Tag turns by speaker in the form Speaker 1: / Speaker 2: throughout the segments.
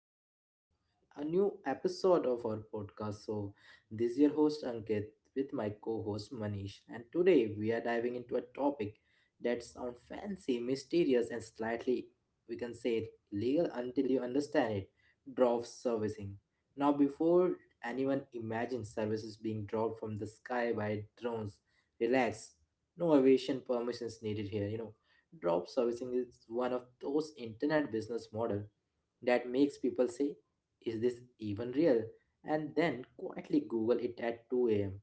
Speaker 1: our show. A new episode of our podcast. So, this is your host Ankit with my co host Manish, and today we are diving into a topic that sounds fancy, mysterious, and slightly, we can say, legal until you understand it drop servicing. Now, before anyone imagines services being dropped from the sky by drones, relax. No aviation permissions needed here, Drop servicing is one of those internet business model that makes people say, is this even real? And then quietly Google it at 2 a.m.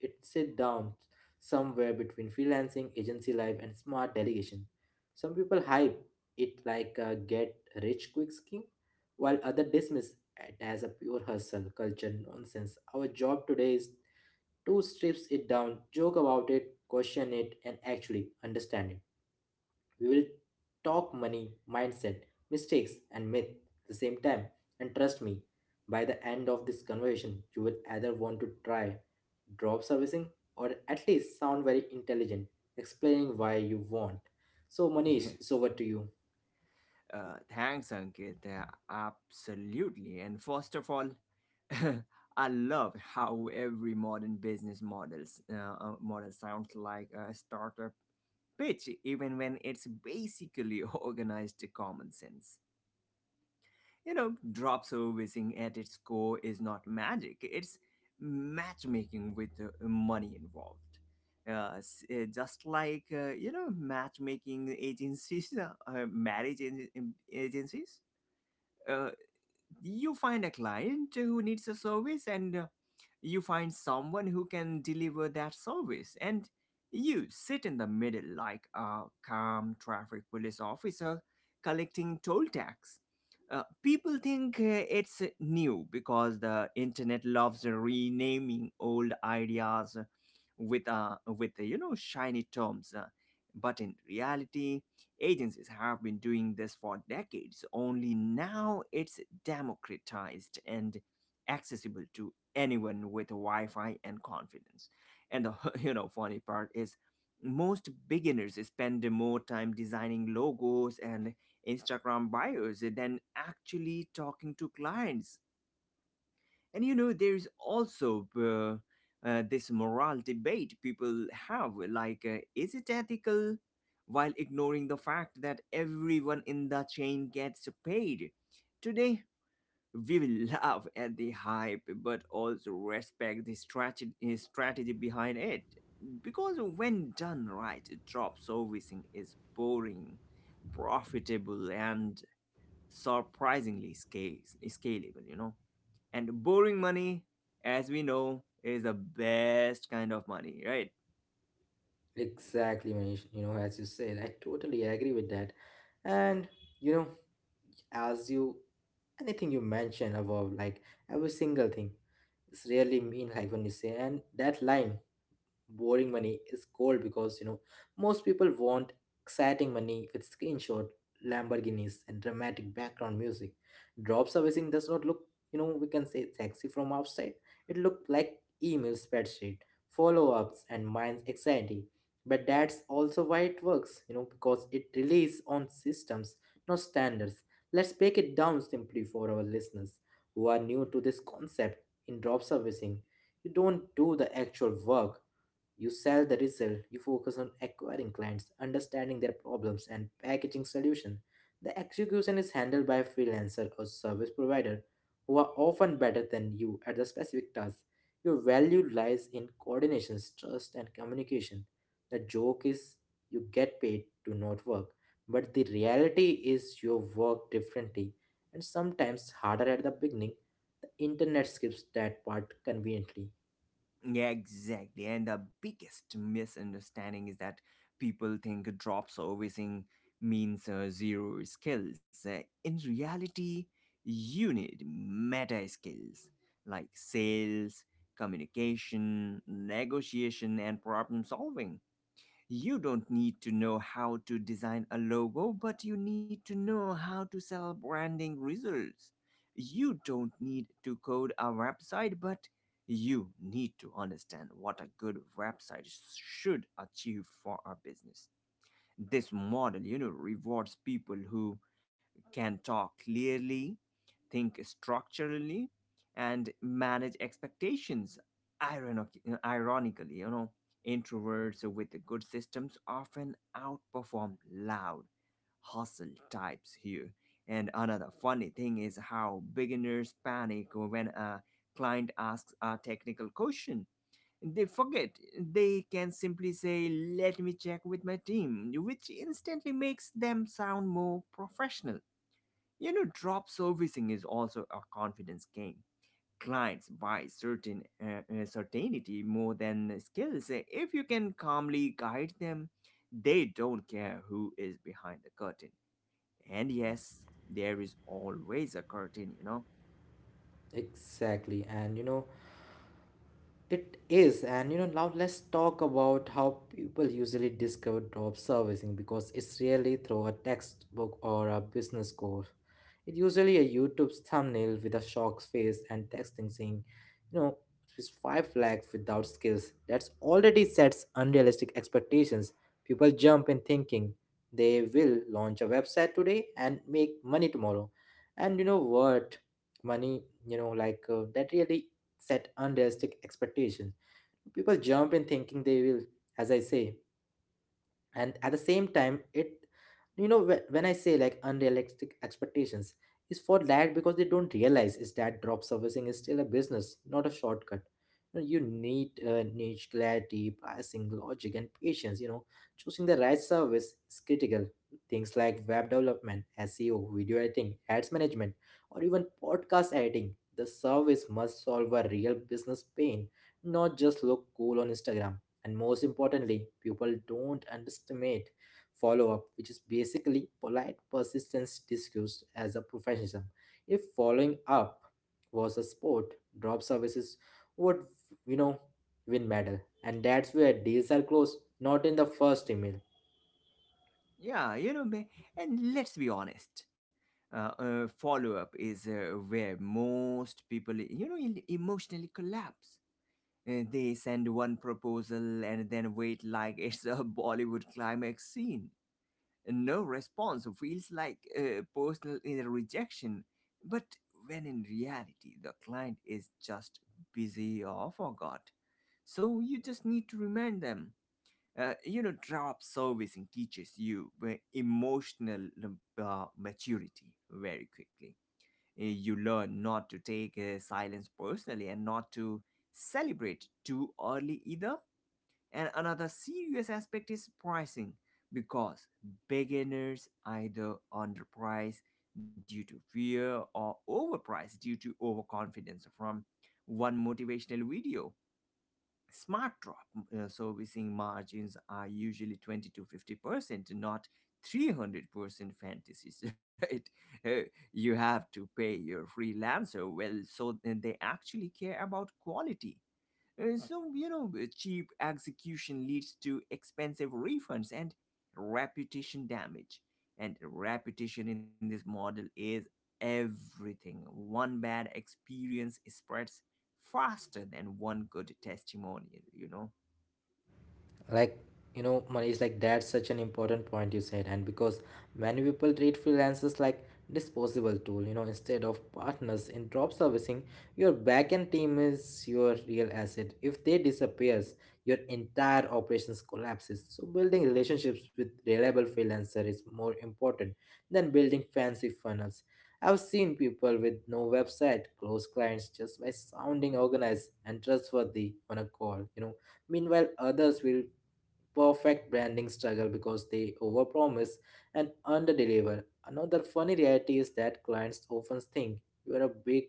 Speaker 1: It sit down somewhere between freelancing, agency life, and smart delegation. Some people hype it like a get rich quick scheme, while others dismiss it as a pure hustle culture nonsense. Our job today is to strip it down, joke about it, question it, and actually understand it. We will talk money, mindset, mistakes, and myth at the same time. And trust me, by the end of this conversation, you will either want to try drop servicing or at least sound very intelligent, explaining why you want. So, Manish, it's over to you.
Speaker 2: Thanks, Ankit. Absolutely. And first of all, I love how every modern business model sounds like a startup pitch, even when it's basically organized to common sense. You know, drop servicing at its core is not magic, it's matchmaking with money involved. Just like, you know, matchmaking agencies, marriage agencies. Uh, you find a client who needs a service and you find someone who can deliver that service, and you sit in the middle like a calm traffic police officer collecting toll tax. People think it's new because the internet loves renaming old ideas with you know, shiny terms, but in reality agencies have been doing this for decades, only now it's democratized and accessible to anyone with Wi-Fi and confidence. And the you know, funny part is most beginners spend more time designing logos and Instagram bios than actually talking to clients. And you know, there's also this moral debate people have, like, is it ethical? While ignoring the fact that everyone in the chain gets paid. Today, we will laugh at the hype but also respect the strategy behind it. Because when done right, drop servicing is boring, profitable, and surprisingly scalable, you know? And borrowing money, as we know, is the best kind of money, right?
Speaker 1: Exactly, Manish. You know, as you said, I totally agree with that. And you know, as you anything you mention above, like every single thing, it's really mean like when you say and that line boring money is cold because you know most people want exciting money with screenshot lamborghinis and dramatic background music drop servicing does not look you know we can say sexy from outside it looked like email spreadsheet follow-ups and minds anxiety but that's also why it works you know because it relies on systems not standards. Let's break it down simply for our listeners who are new to this concept in drop servicing. You don't do the actual work, you sell the result. You focus on acquiring clients, understanding their problems, and packaging solution. The execution is handled by a freelancer or service provider who are often better than you at the specific task. Your value lies in coordination, trust, and communication. The joke is you get paid to not work, but the reality is you work differently and sometimes harder at the beginning. The internet skips that part conveniently.
Speaker 2: Yeah, exactly. And the biggest misunderstanding is that people think drop servicing means zero skills. In reality, you need meta skills like sales, communication, negotiation, and problem solving. You don't need to know how to design a logo, but you need to know how to sell branding results. You don't need to code a website, but you need to understand what a good website should achieve for a business. This model, you know, rewards people who can talk clearly, think structurally, and manage expectations. Ironic, Ironically, you know, introverts with good systems often outperform loud hustle types here. And another funny thing is how beginners panic when a client asks a technical question. They forget. They can simply say, "Let me check with my team," which instantly makes them sound more professional. You know, drop servicing is also a confidence game. Clients buy certainty more than skills. If you can calmly guide them, they don't care who is behind the curtain. And yes, there is always a curtain, you know.
Speaker 1: Exactly, and you know it is, and you know, now let's talk about how people usually discover job servicing because it's really through a textbook or a business course. It's usually a YouTube thumbnail with a shocked face and texting saying, you know, it's 5 lakh without skills. That's already sets unrealistic expectations. People jump in thinking they will launch a website today and make money tomorrow. And you know what? Money, you know, like that really set unrealistic expectations. People jump in thinking they will, as I say and at the same time it you know when I say like unrealistic expectations is for that because they don't realize is that drop servicing is still a business not a shortcut. You know, you need niche clarity pricing logic and patience. You know, choosing the right service is critical. Things like web development, seo, video editing, ads management, or even podcast editing, the service must solve a real business pain not just look cool on Instagram. And most importantly, people don't underestimate follow up, which is basically polite persistence discussed as a professionalism. If following up was a sport, drop services would, you know, win medal. And that's where deals are closed, not in the first email.
Speaker 2: Yeah, you know, and let's be honest. Follow up is where most people, you know, emotionally collapse. They send one proposal and then wait like it's a Bollywood climax scene. No response feels like personal inner rejection, but when in reality the client is just busy or forgot. So you just need to remind them. You know, drop servicing teaches you emotional maturity very quickly. You learn not to take silence personally and not to celebrate too early either. And another serious aspect is pricing, because beginners either underprice due to fear or overprice due to overconfidence from one motivational video. Smart drop servicing margins are usually 20 to 50%, not 300% fantasies, right? Uh, you have to pay your freelancer well, so they actually care about quality. So, you know, cheap execution leads to expensive refunds and reputation damage. And reputation in this model is everything. One bad experience spreads faster than one good testimonial, you know?
Speaker 1: Like you know Manish like that's such an important point you said, and because many people treat freelancers like disposable tool, you know, instead of partners in job servicing. Your backend team is your real asset. If they disappears your entire operations collapses. So building relationships with reliable freelancer is more important than building fancy funnels. I've seen people with no website close clients just by sounding organized and trustworthy on a call, you know. Meanwhile, others will perfect branding struggle because they overpromise and underdeliver. Another funny reality is that clients often think you are a big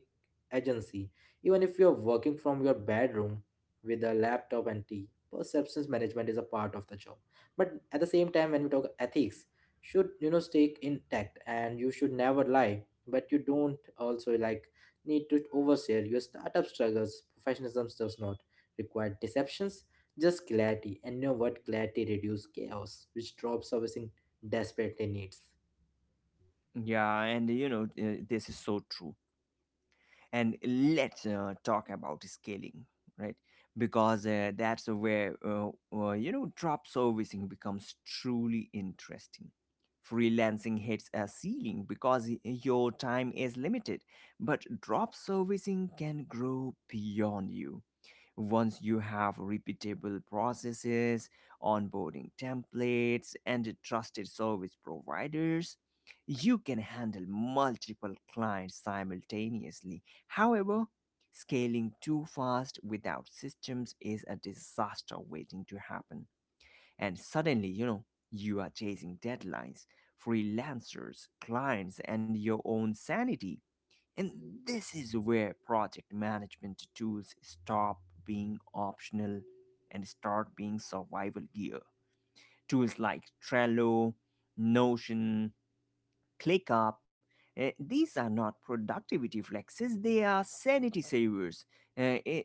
Speaker 1: agency, even if you are working from your bedroom with a laptop and tea. Perceptions management is a part of the job, but at the same time, when we talk ethics, should you know stay intact and you should never lie, but you don't also like need to overshare your startup struggles. Professionalism does not require deceptions just clarity, and you know what? Clarity reduces chaos, which drop servicing desperately needs.
Speaker 2: Yeah, and you know, this is so true. And let's talk about scaling, right, because that's where you know, drop servicing becomes truly interesting. Freelancing hits a ceiling because your time is limited, but drop servicing can grow beyond you. Once you have repeatable processes, onboarding templates, and trusted service providers, you can handle multiple clients simultaneously. However, scaling too fast without systems is a disaster waiting to happen. And suddenly, you know, you are chasing deadlines, freelancers, clients, and your own sanity. And this is where project management tools stop being optional and start being survival gear. Tools like Trello, Notion, ClickUp, these are not productivity flexes, they are sanity savers. Eh, eh,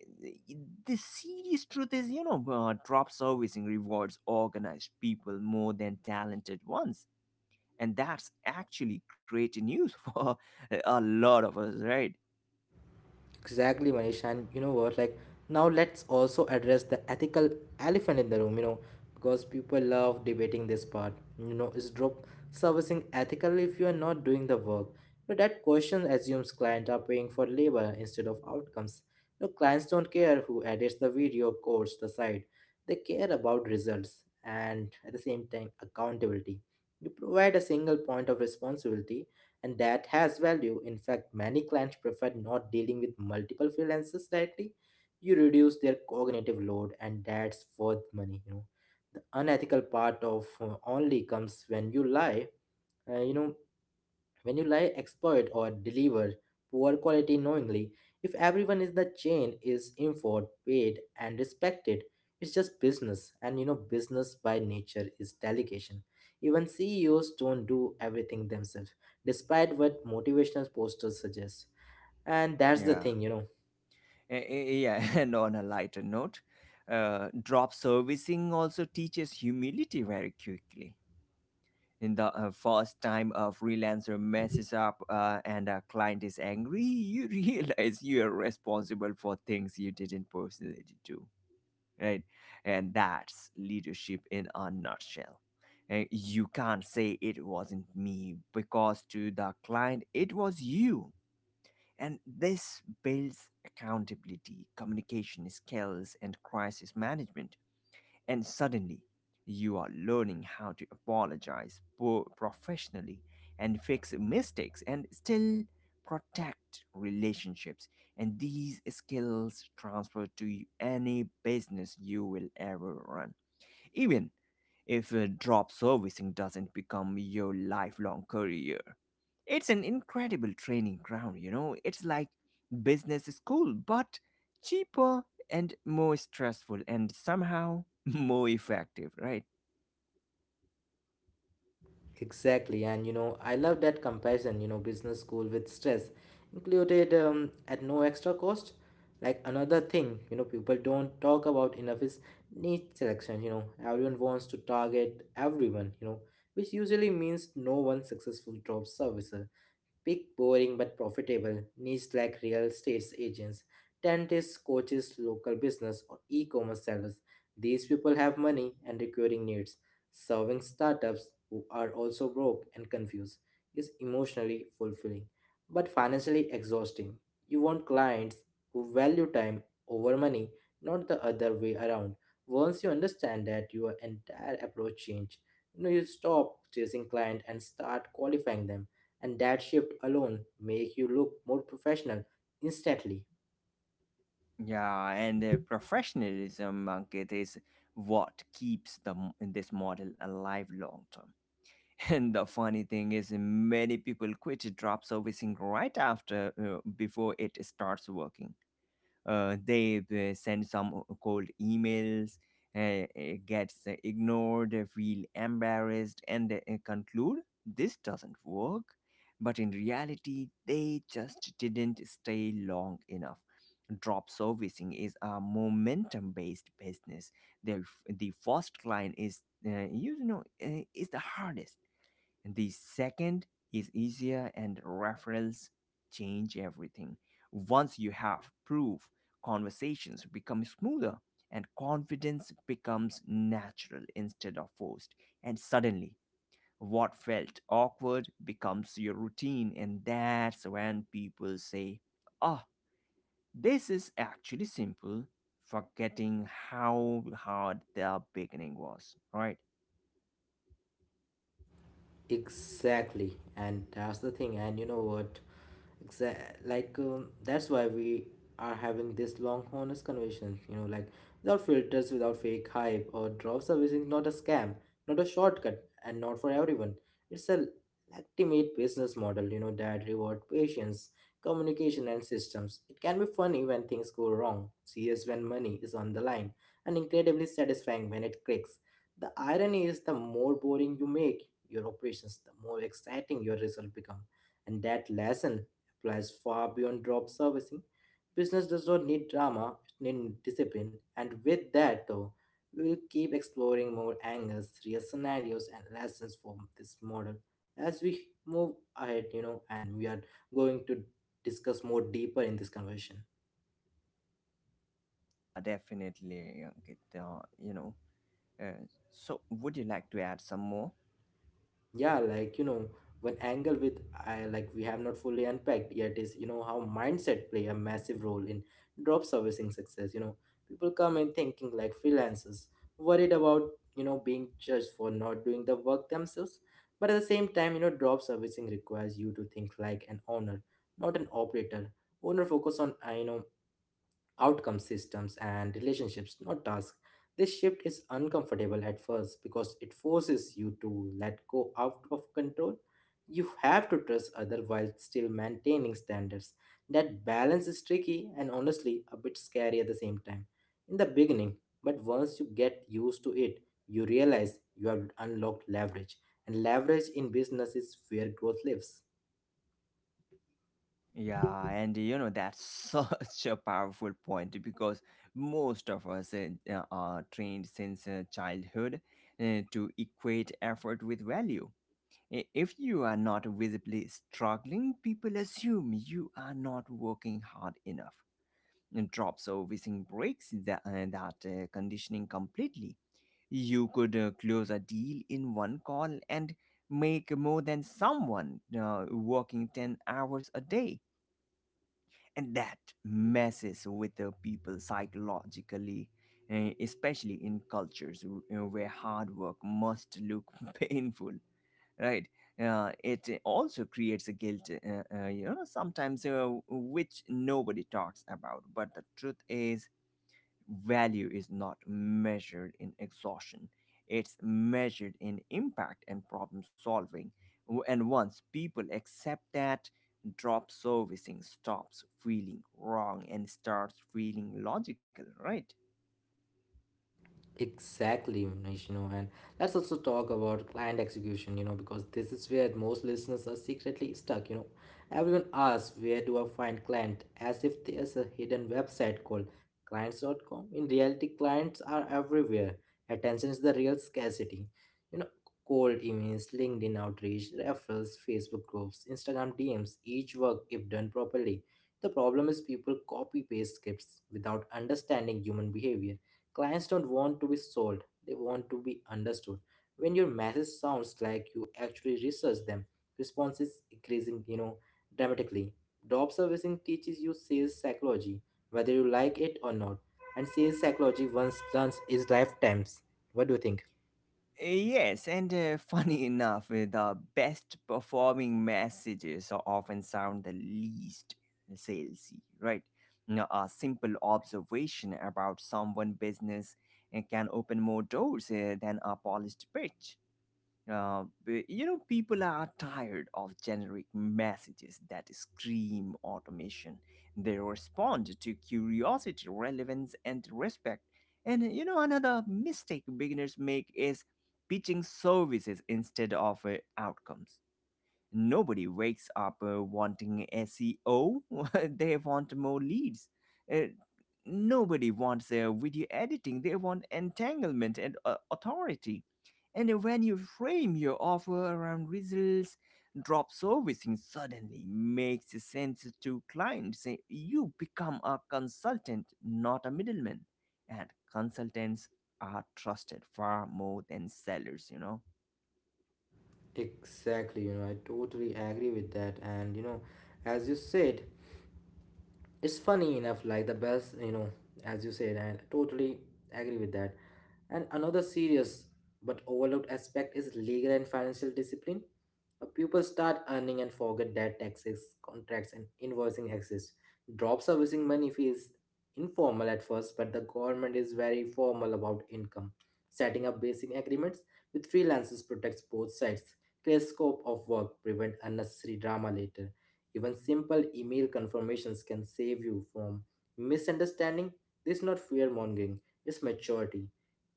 Speaker 2: the serious truth is, you know, drop servicing rewards organized people more than talented ones. And that's actually great news for a lot of us, right?
Speaker 1: Exactly, Manish. And you know what? Like, now let's also address the ethical elephant in the room, you know, because people love debating this part. You know, is drop servicing ethical if you are not doing the work? But that question assumes clients are paying for labor instead of outcomes. You know, clients don't care who edits the video, codes the site. They care about results and at the same time accountability. You provide a single point of responsibility and that has value. In fact, many clients prefer not dealing with multiple freelancers directly. You reduce their cognitive load, and that's worth money. You know, the unethical part of only comes when you lie. You know, when you lie, exploit or deliver poor quality knowingly, if everyone in the chain is informed, paid, and respected, it's just business. And you know, business by nature is delegation. Even CEOs don't do everything themselves, despite what motivational posters suggest. And that's the
Speaker 2: Yeah.
Speaker 1: thing, you know.
Speaker 2: Yeah, and on a lighter note, drop servicing also teaches humility very quickly. In the first time a freelancer messes up and a client is angry, you realize you are responsible for things you didn't personally do, right? And that's leadership in a nutshell. You can't say it wasn't me, because to the client it was you, and this builds accountability, communication skills, and crisis management. And suddenly, you are learning how to apologize professionally and fix mistakes and still protect relationships. And these skills transfer to any business you will ever run, even if drop servicing doesn't become your lifelong career. It's an incredible training ground, you know. It's like business school, but cheaper and more stressful and somehow more effective, right?
Speaker 1: Exactly, and you know, I love that comparison, you know, business school with stress included at no extra cost. Like another thing, you know, people don't talk about enough is niche selection. You know, everyone wants to target everyone, you know, which usually means no one successful job servicer. Pick boring, but profitable niche like real estate agents, dentists, coaches, local business, or e commerce sellers. These people have money and recurring needs. Serving startups who are also broke and confused is emotionally fulfilling but financially exhausting. You want clients who value time over money, not the other way around. Once you understand that, your entire approach change. You know, you stop chasing client and start qualifying them and that shift alone make you look more professional instantly.
Speaker 2: Yeah, and professionalism, Ankit, is what keeps this model alive long term. And the funny thing is, many people quit drop servicing right after, before it starts working. They send some cold emails gets ignored, feel embarrassed, and conclude this doesn't work. But in reality, they just didn't stay long enough. Drop servicing is a momentum based business. The first client is, you know, is the hardest. The second is easier, and referrals change everything. Once you have proof, conversations become smoother and confidence becomes natural instead of forced. And suddenly, what felt awkward becomes your routine, and that's when people say, "Oh, this is actually simple," forgetting how hard the beginning was, right?
Speaker 1: Exactly, and that's the thing. And you know what? Like that's why we are having this long, honest conversation. You know, like without filters, without fake hype or drop service is not a scam, not a shortcut, and not for everyone. It's a ultimate business model. You know that reward patience, communication, and systems. It can be funny when things go wrong, serious when money is on the line, and incredibly satisfying when it clicks. The irony is the more boring you make your operations, the more exciting your result become. And that lesson applies far beyond job servicing. Business does not need drama, it needs discipline. And with that, though, we will keep exploring more angles, real scenarios, and lessons from this model as we move ahead, you know, and we are going to discuss more deeper in this conversation.
Speaker 2: Yeah, definitely. Ankit. You know, Uh, so would you like to add some more?
Speaker 1: Yeah like you know one angle with I like we have not fully unpacked yet is you know how mindset play a massive role in drop servicing success. You know, people come in thinking like freelancers worried about you know being judged for not doing the work themselves, but at the same time you know drop servicing requires you to think like an owner not an operator. Owner focus on you know outcome systems and relationships, not tasks. This shift is uncomfortable at first because it forces you to let go out of control. You have to trust other while still maintaining standards. That balance is tricky and honestly a bit scary at the same time in the beginning, but once you get used to it, you realize you have unlocked leverage, and leverage in business is where growth lives.
Speaker 2: Yeah, and you know, that's such a powerful point, because most of us are trained since childhood to equate effort with value. If you are not visibly struggling, people assume you are not working hard enough. And drops. So whizzing breaks that, conditioning completely. You could close a deal in one call and make more than someone working 10 hours a day. And that messes with the people psychologically, especially in cultures where hard work must look painful, right? It also creates a guilt, you know, sometimes, which nobody talks about. But the truth is, value is not measured in exhaustion, it's measured in impact and problem solving. And once people accept that, drop servicing stops feeling wrong and starts feeling logical, right?
Speaker 1: Exactly, Vishnu, and let's also talk about client execution, you know, because this is where most listeners are secretly stuck, you know. Everyone asks, where do I find client? As if there's a hidden website called Clients. Dot com. In reality, clients are everywhere. Attention is the real scarcity. You know, cold emails, LinkedIn outreach, referrals, Facebook groups, Instagram DMs, each work if done properly. The problem is people copy paste scripts without understanding human behavior. Clients don't want to be sold, they want to be understood. When your message sounds like you actually research them, response is increasing, you know, dramatically. Drop servicing teaches you sales psychology, whether you like it or not. And sales psychology once learns is lifetimes. What do you think?
Speaker 2: Yes, and funny enough, the best performing messages are often sound the least salesy, right? Now, a simple observation about someone's business can open more doors than a polished pitch. You know, people are tired of generic messages that scream automation. They respond to curiosity, relevance, and respect. And you know, another mistake beginners make is pitching services instead of outcomes. Nobody wakes up wanting SEO, they want more leads. Uh, Nobody wants video editing, they want entanglement and authority. And when you frame your offer around results, drop servicing suddenly makes sense to clients. You become a consultant, not a middleman. And consultants are trusted far more than sellers, you know.
Speaker 1: Exactly, you know, I totally agree with that. And you know, as you said, it's funny enough like the best you know as you said and totally agree with that and another serious but overlooked aspect is legal and financial discipline. People start earning and forget that taxes, contracts, and invoicing exist. Drop servicing money fees informal at first, but the government is very formal about income. Setting up basic agreements with freelancers protects both sides. Clear scope of work prevent unnecessary drama later. Even simple email confirmations can save you from misunderstanding. This is not fear mongering, it's maturity.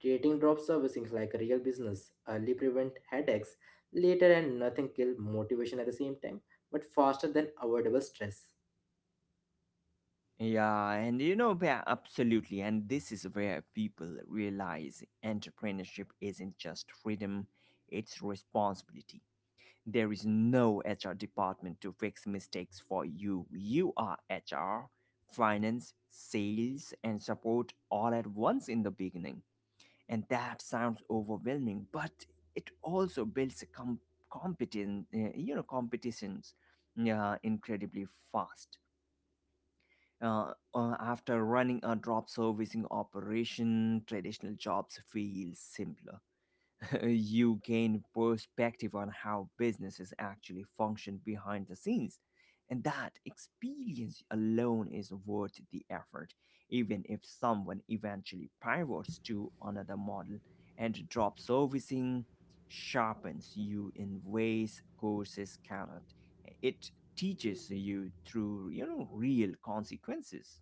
Speaker 1: Treating drop servicing like a real business early prevent headaches later, and nothing kill motivation at the same time, but faster than avoidable stress.
Speaker 2: Yeah, and you know, yeah, absolutely. And this is where people realize entrepreneurship isn't just freedom, it's responsibility. There is no HR department to fix mistakes for you. You are HR, finance, sales, and support all at once in the beginning. And that sounds overwhelming, but it also builds a competent, you know, competitions, yeah, incredibly fast. After running a drop servicing operation, traditional jobs feel simpler. You gain perspective on how businesses actually function behind the scenes. And that experience alone is worth the effort, even if someone eventually pivots to another model. And drop servicing sharpens you in ways courses cannot. It teaches you through, you know, real consequences.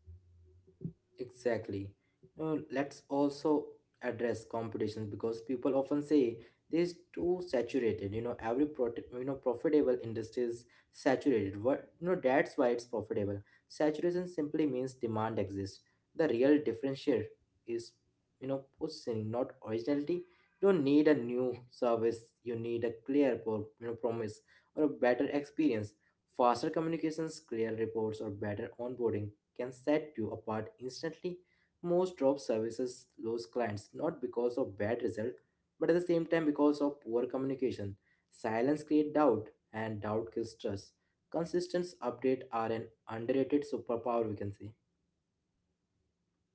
Speaker 1: Exactly. Let's also address competition because people often say this is too saturated. You know, every profitable industry is saturated. What, you know, that's why it's profitable. Saturation simply means demand exists. The real differentiator is, you know, positioning, not originality. You don't need a new service. You need a clear promise or a better experience. Faster communications, clear reports, or better onboarding can set you apart instantly. Most drop services lose clients not because of bad result, but at the same time because of poor communication. Silence creates doubt, and doubt kills trust. Consistent updates are an underrated superpower, we can say.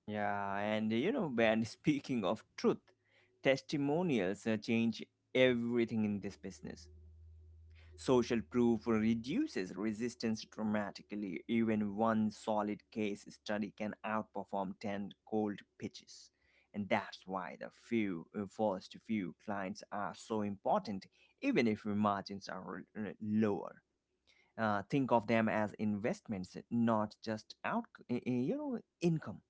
Speaker 2: Yeah, and you know, and speaking of truth, testimonials change everything in this business. Social proof reduces resistance dramatically. Even one solid case study can outperform 10 cold pitches. And that's why the few first few clients are so important, even if margins are lower. Think of them as investments, not just you know, income.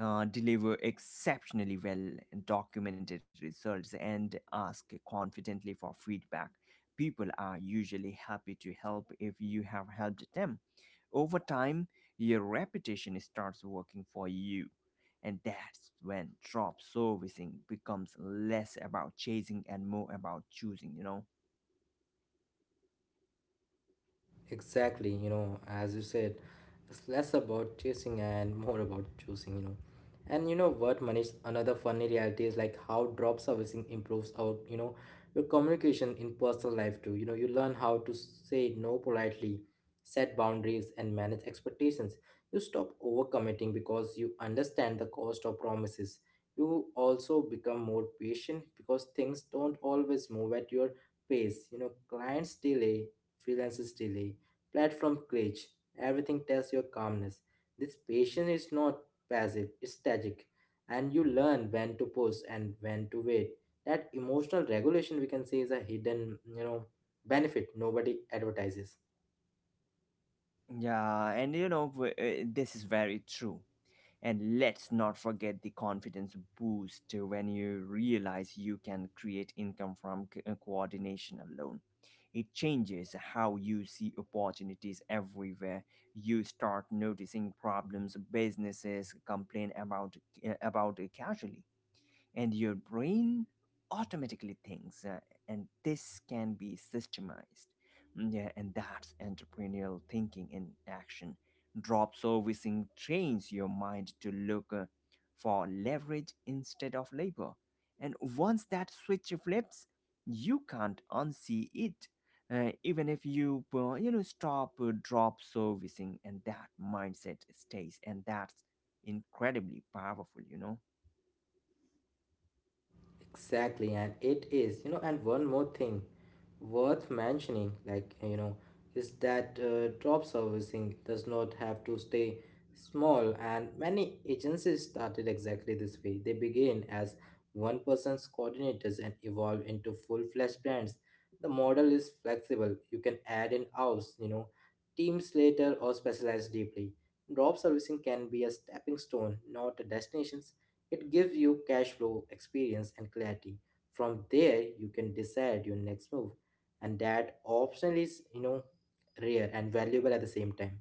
Speaker 2: Deliver exceptionally well documented results and ask confidently for feedback. People are usually happy to help if you have helped them. Over time, your reputation starts working for you. And that's when drop servicing becomes less about chasing and more about choosing, you know.
Speaker 1: Exactly, you know, as you said, it's less about chasing and more about choosing, you know. And you know what, Manish, another funny reality is like how drop servicing improves our, you know, your communication in personal life too. You know, you learn how to say no politely, set boundaries, and manage expectations. You stop overcommitting because you understand the cost of promises. You also become more patient because things don't always move at your pace. You know, clients delay, freelancer's delay, platform glitch, everything tests your calmness. This patience is not passive, it's static. And you learn when to pause and when to wait. That emotional regulation, we can say, is a hidden, you know, benefit nobody advertises.
Speaker 2: Yeah, and you know, this is very true. And let's not forget the confidence boost when you realize you can create income from coordination alone. It changes how you see opportunities everywhere. You start noticing problems businesses complain about casually, and your brain automatically thinks and this can be systemized. Mm, yeah, and that's entrepreneurial thinking in action. Drop servicing trains your mind to look for leverage instead of labor, and once that switch flips you can't unsee it, even if you you know stop drop servicing, and that mindset stays, and that's incredibly powerful, you know?
Speaker 1: Exactly, and it is, you know, and one more thing worth mentioning, like, you know, is that drop servicing does not have to stay small, and many agencies started exactly this way. They begin as one person's coordinators and evolve into full fledged brands. The model is flexible. You can add in house, you know, teams later or specialize deeply. Drop servicing can be a stepping stone, not a destination. It gives you cash flow, experience, and clarity. From there, you can decide your next move, and that option is, you know, rare and valuable at the same time.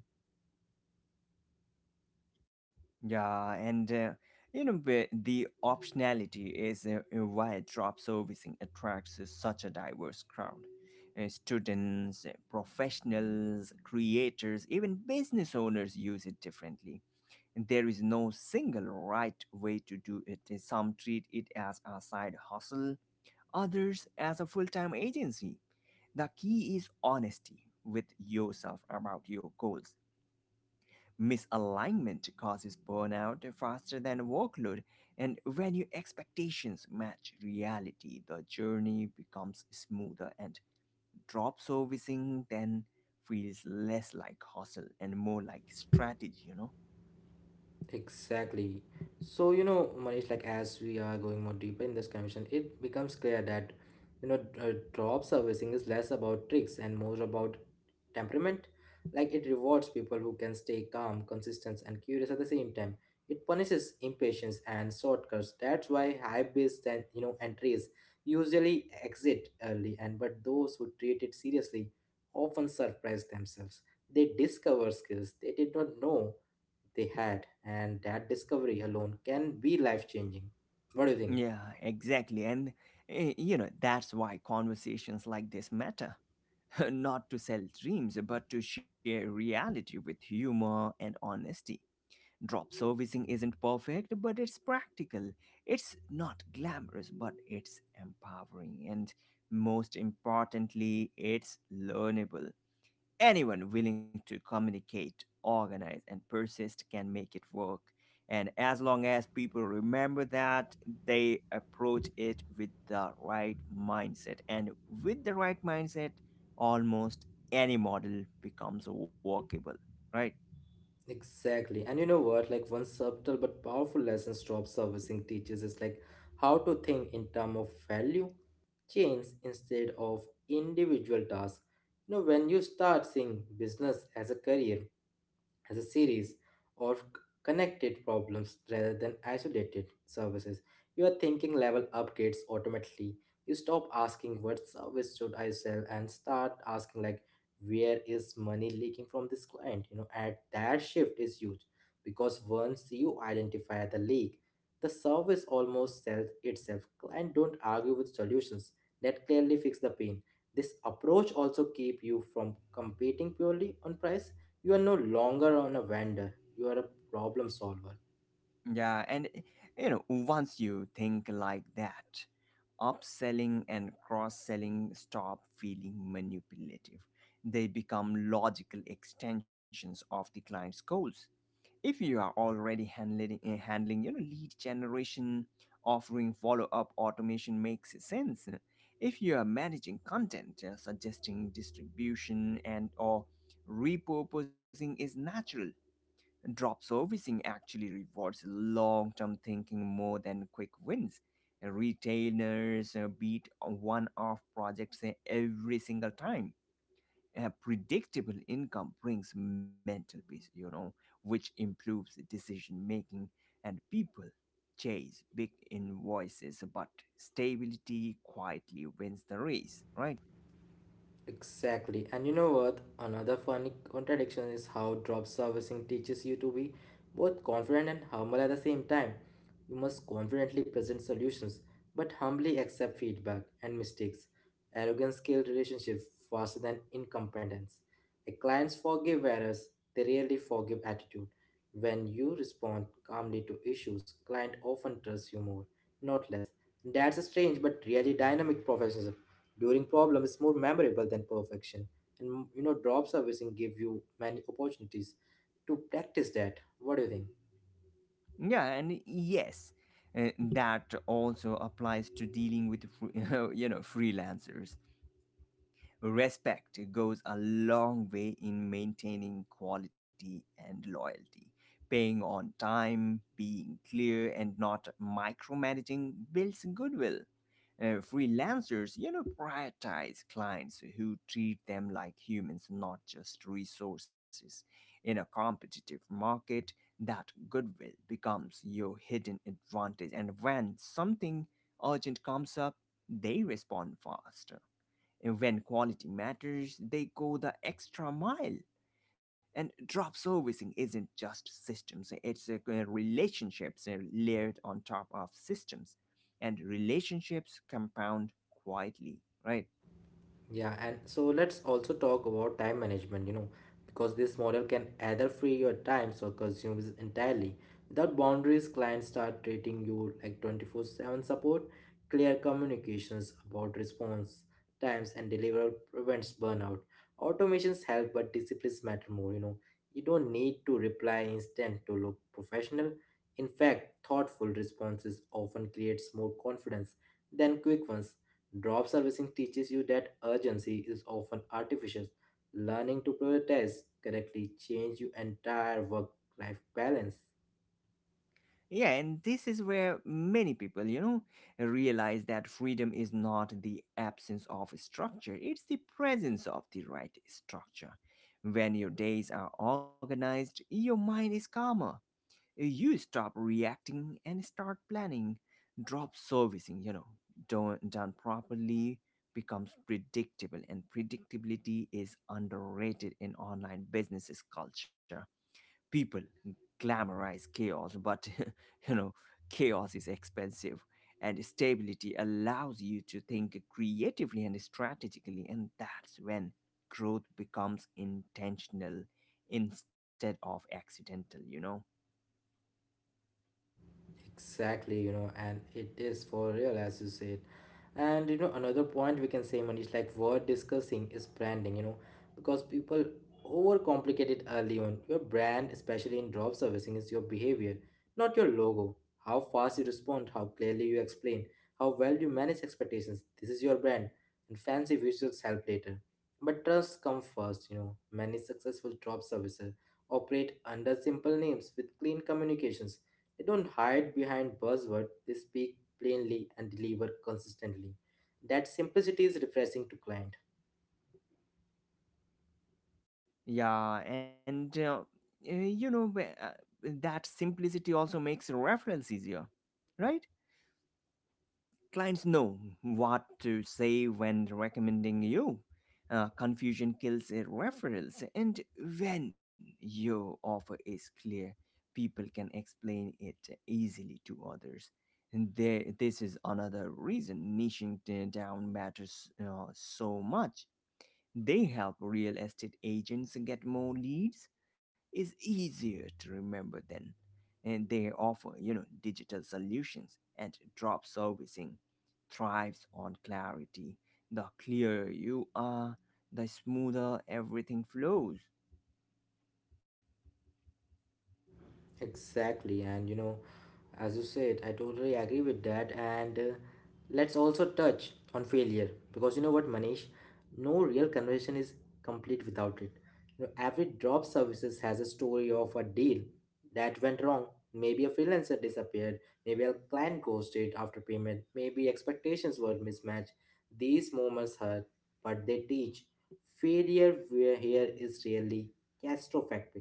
Speaker 2: Yeah, and you know, the optionality is why job servicing attracts such a diverse crowd. Students, professionals, creators, even business owners use it differently. And there is no single right way to do it. Some treat it as a side hustle, others as a full-time agency. The key is honesty with yourself about your goals. Misalignment causes burnout faster than workload, and when your expectations match reality, the journey becomes smoother, and drop servicing then feels less like hustle and more like strategy, you know?
Speaker 1: Exactly. So, you know, Manish, like as we are going more deeper in this conversation, it becomes clear that, you know, drop servicing is less about tricks and more about temperament. Like, it rewards people who can stay calm, consistent, and curious at the same time. It punishes impatience and shortcuts. That's why high base and, you know, entries usually exit early, and but those who treat it seriously often surprise themselves. They discover skills they did not know they had, and that discovery alone can be life changing. What do you think?
Speaker 2: Yeah, exactly. And, you know, that's why conversations like this matter. Not to sell dreams, but to share reality with humor and honesty. Drop servicing isn't perfect, but it's practical. It's not glamorous, but it's empowering. And most importantly, it's learnable. Anyone willing to communicate, organize, and persist can make it work. And as long as people remember that, they approach it with the right mindset. And with the right mindset, almost any model becomes workable, right?
Speaker 1: Exactly. And you know what? Like, one subtle but powerful lesson job servicing teaches is like how to think in terms of value chains instead of individual tasks. You know, when you start seeing business as a career, as a series of connected problems rather than isolated services. Your thinking level upgrades automatically. You stop asking what service should I sell and start asking like where is money leaking from this client, you know, and that shift is huge, because once you identify the leak, the service almost sells itself. Client don't argue with solutions that clearly fix the pain. This approach also keep you from competing purely on price. You are no longer on a vendor, you are a problem solver.
Speaker 2: Yeah, and you know, once you think like that, upselling and cross selling stop feeling manipulative. They become logical extensions of the client's goals. If you are already handling you know lead generation, offering follow up automation makes sense. If you are managing content, suggesting distribution and or repurposing is natural. Drop servicing actually rewards long term thinking more than quick wins. Retailers beat one off projects every single time. A predictable income brings mental peace, you know, which improves decision making, and people chase big invoices, but stability quietly wins the race, right?
Speaker 1: Exactly. And you know what? Another funny contradiction is how drop servicing teaches you to be both confident and humble at the same time. You must confidently present solutions, but humbly accept feedback and mistakes. Arrogance kills relationships faster than incompetence. Like, clients forgive errors, they rarely forgive attitude. When you respond calmly to issues, client often trusts you more, not less. That's a strange but really dynamic professionalism. During problem is more memorable than perfection. And you know, drop servicing give you many opportunities to practice that. What do you think?
Speaker 2: Yeah, and yes, that also applies to dealing with you know freelancers. Respect goes a long way in maintaining quality and loyalty. Paying on time, being clear, and not micromanaging builds goodwill. Freelancers, you know, prioritize clients who treat them like humans, not just resources. In a competitive market, that goodwill becomes your hidden advantage. And when something urgent comes up, they respond fast. And when quality matters, they go the extra mile. And drop servicing isn't just systems, it's relationships layered on top of systems. And relationships compound quietly, right?
Speaker 1: Yeah, and so let's also talk about time management, you know, because this model can either free your time or consume it entirely. Without boundaries, clients start treating you like 24/7 support. Clear communications about response times and deliver prevents burnout. Automations help, but disciplines matter more, you know. You don't need to reply instant to look professional. In fact, thoughtful responses often creates more confidence than quick ones. Drop servicing teaches you that urgency is often artificial. Learning to prioritize correctly change your entire work-life balance.
Speaker 2: Yeah, and this is where many people, you know, realize that freedom is not the absence of structure, it's the presence of the right structure. When your days are organized, your mind is calmer, you stop reacting and start planning. Drop servicing, you know, done properly becomes predictable, and predictability is underrated in online businesses culture. People glamorize chaos, but you know, chaos is expensive, and stability allows you to think creatively and strategically, and that's when growth becomes intentional instead of accidental, you know.
Speaker 1: Exactly, you know, and it is for real, as you said. And you know, another point we can say, Manish, like worth discussing is branding, you know, because people overcomplicate it early on. Your brand, especially in drop servicing, is your behavior, not your logo. How fast you respond, how clearly you explain, how well you manage expectations. This is your brand, and fancy visuals help later. But trust comes first, you know. Many successful drop services operate under simple names with clean communications. They don't hide behind buzzword. They speak plainly and deliver consistently. That simplicity is refreshing to client.
Speaker 2: Yeah, and you know that simplicity also makes referrals easier, right? Clients know what to say when recommending you. Confusion kills referrals, and when your offer is clear, people can explain it easily to others. And there, this is another reason niching down matters so much. They help real estate agents get more leads. It's easier to remember then. And they offer, you know, digital solutions, and drop servicing thrives on clarity. The clearer you are, the smoother everything flows.
Speaker 1: Exactly, and you know, as you said, I totally agree with that. And let's also touch on failure, because you know what, Manish, no real conversation is complete without it. You know, every drop services has a story of a deal that went wrong. Maybe a freelancer disappeared, maybe a client ghosted after payment, maybe expectations were mismatched. These moments hurt, but they teach. Failure where here is really catastrophic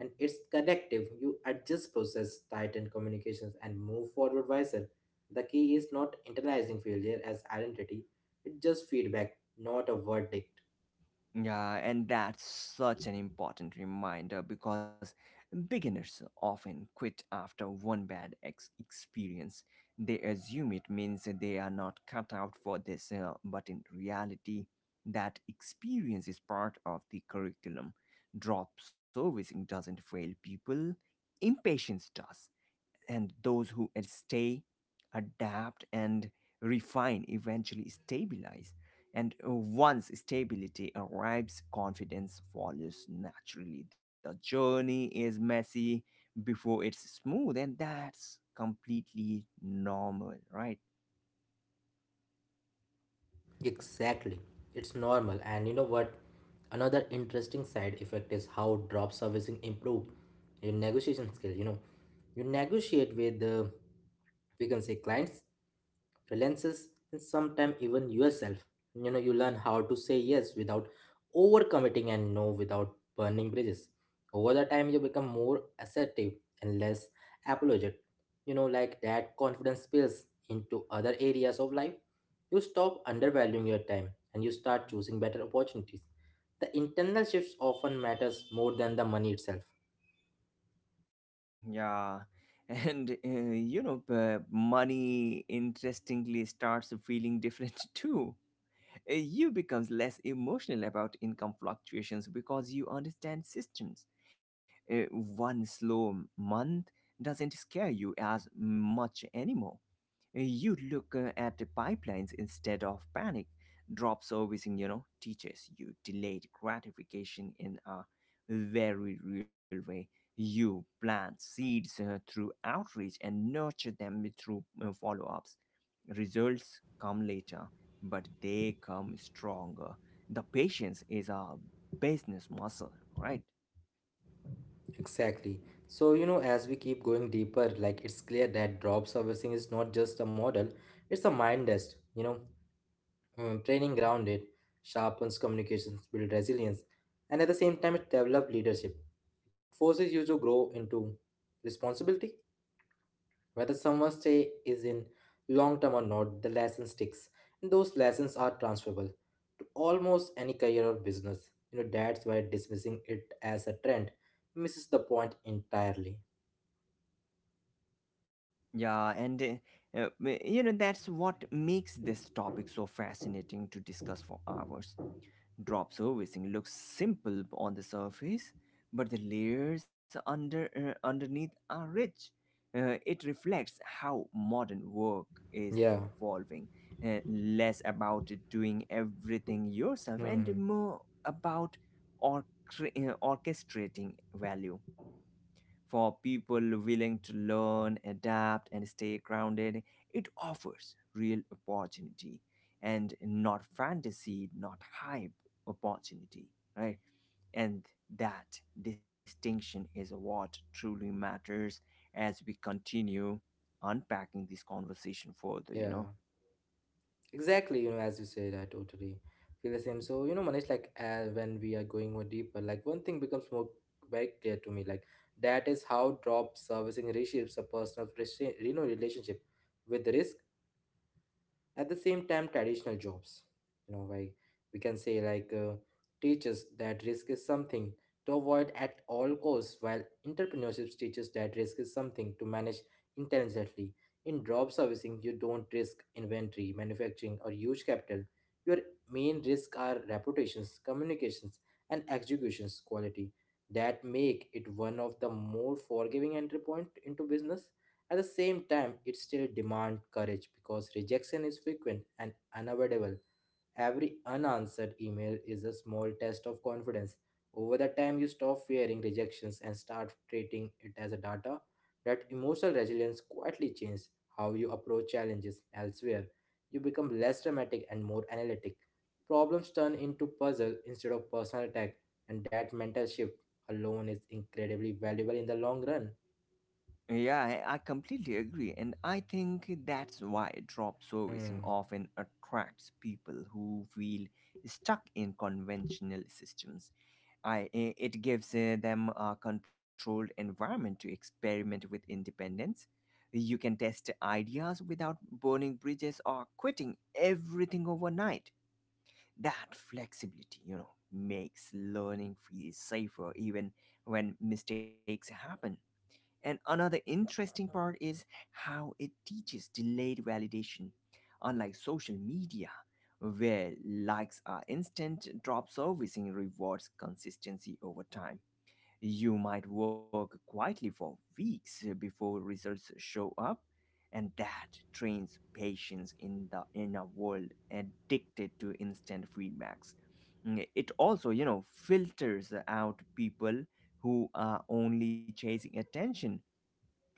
Speaker 1: and it's connective. You adjust process, tighten communications, and move forward wiser. The key is not internalizing failure as identity, it's just feedback, not a verdict.
Speaker 2: Yeah, and that's such an important reminder, because beginners often quit after one bad experience. They assume it means that they are not cut out for this, but in reality, that experience is part of the curriculum. Drop servicing doesn't fail people, impatience does, and those who stay, adapt, and refine eventually stabilize. And once stability arrives, confidence follows naturally. The journey is messy before it's smooth, and that's completely normal, right?
Speaker 1: Exactly. It's normal. And you know what? Another interesting side effect is how drop servicing improve your negotiation skill. You know, you negotiate with the, we can say, clients, freelancers, and sometimes even yourself. You know, you learn how to say yes without overcommitting and no without burning bridges. Over the time, you become more assertive and less apologetic. You know, like that confidence spills into other areas of life. You stop undervaluing your time and you start choosing better opportunities. The internal shifts often matters more than the money itself.
Speaker 2: Yeah, and you know money interestingly starts feeling different too. You becomes less emotional about income fluctuations because you understand systems. One slow month doesn't scare you as much anymore. You look at the pipelines instead of panic. Drop servicing, you know, teaches you delayed gratification in a very real way. You plant seeds through outreach and nurture them through follow ups. Results come later, but they come stronger. The patience is a business muscle, right?
Speaker 1: Exactly. So, you know, as we keep going deeper, like it's clear that drop servicing is not just a model, it's a mind test. You know, training grounded, sharpens communications, build resilience, and at the same time, it develops leadership. It forces you to grow into responsibility. Whether someone's stay is in long term or not, the lesson sticks. And those lessons are transferable to almost any career or business. You know, that's why dismissing it as a trend misses the point entirely.
Speaker 2: Yeah, and uh, uh, you know, that's what makes this topic so fascinating to discuss for hours. Drop servicing looks simple on the surface, but the layers underneath are rich. It reflects how modern work is
Speaker 1: Yeah.
Speaker 2: evolving, less about doing everything yourself and
Speaker 1: Hmm.
Speaker 2: more about or- orchestrating value for people willing to learn, adapt, and stay grounded. It offers real opportunity, and not fantasy, not hype, opportunity, right? And that distinction is what truly matters as we continue unpacking this conversation further, you know?
Speaker 1: Yeah. Exactly. You know, as you said, I totally feel the same. So, you know, Manish, like when we are going more deeper, like one thing becomes more very clear to me, like that is how drop servicing reshapes a personal, relationship with risk. At the same time, traditional jobs, you know, like we can say like teachers that risk is something to avoid at all costs, while entrepreneurship teaches that risk is something to manage intelligently. In job servicing, you don't risk inventory, manufacturing, or huge capital. Your main risk are reputations, communications, and executions quality that make it one of the more forgiving entry point into business. At the same time, it still demands courage because rejection is frequent and unavoidable. Every unanswered email is a small test of confidence. Over the time, you stop fearing rejections and start treating it as a data. That emotional resilience quietly changes how you approach challenges elsewhere. You become less dramatic and more analytic. Problems turn into puzzle instead of personal attack, and that mental shift alone is incredibly valuable in the long run.
Speaker 2: Yeah, I completely agree. And I think that's why drop servicing
Speaker 1: Hmm.
Speaker 2: often attracts people who feel stuck in conventional systems. I, it gives them a controlled environment to experiment with independence. You can test ideas without burning bridges or quitting everything overnight. That flexibility, you know, makes learning feel safer even when mistakes happen. And another interesting part is how it teaches delayed validation. Unlike social media, where likes are instant, drop servicing rewards consistency over time. You might work quietly for weeks before results show up, and that trains patience in the in a world addicted to instant feedbacks. Mm, it also, you know, filters out people who are only chasing attention.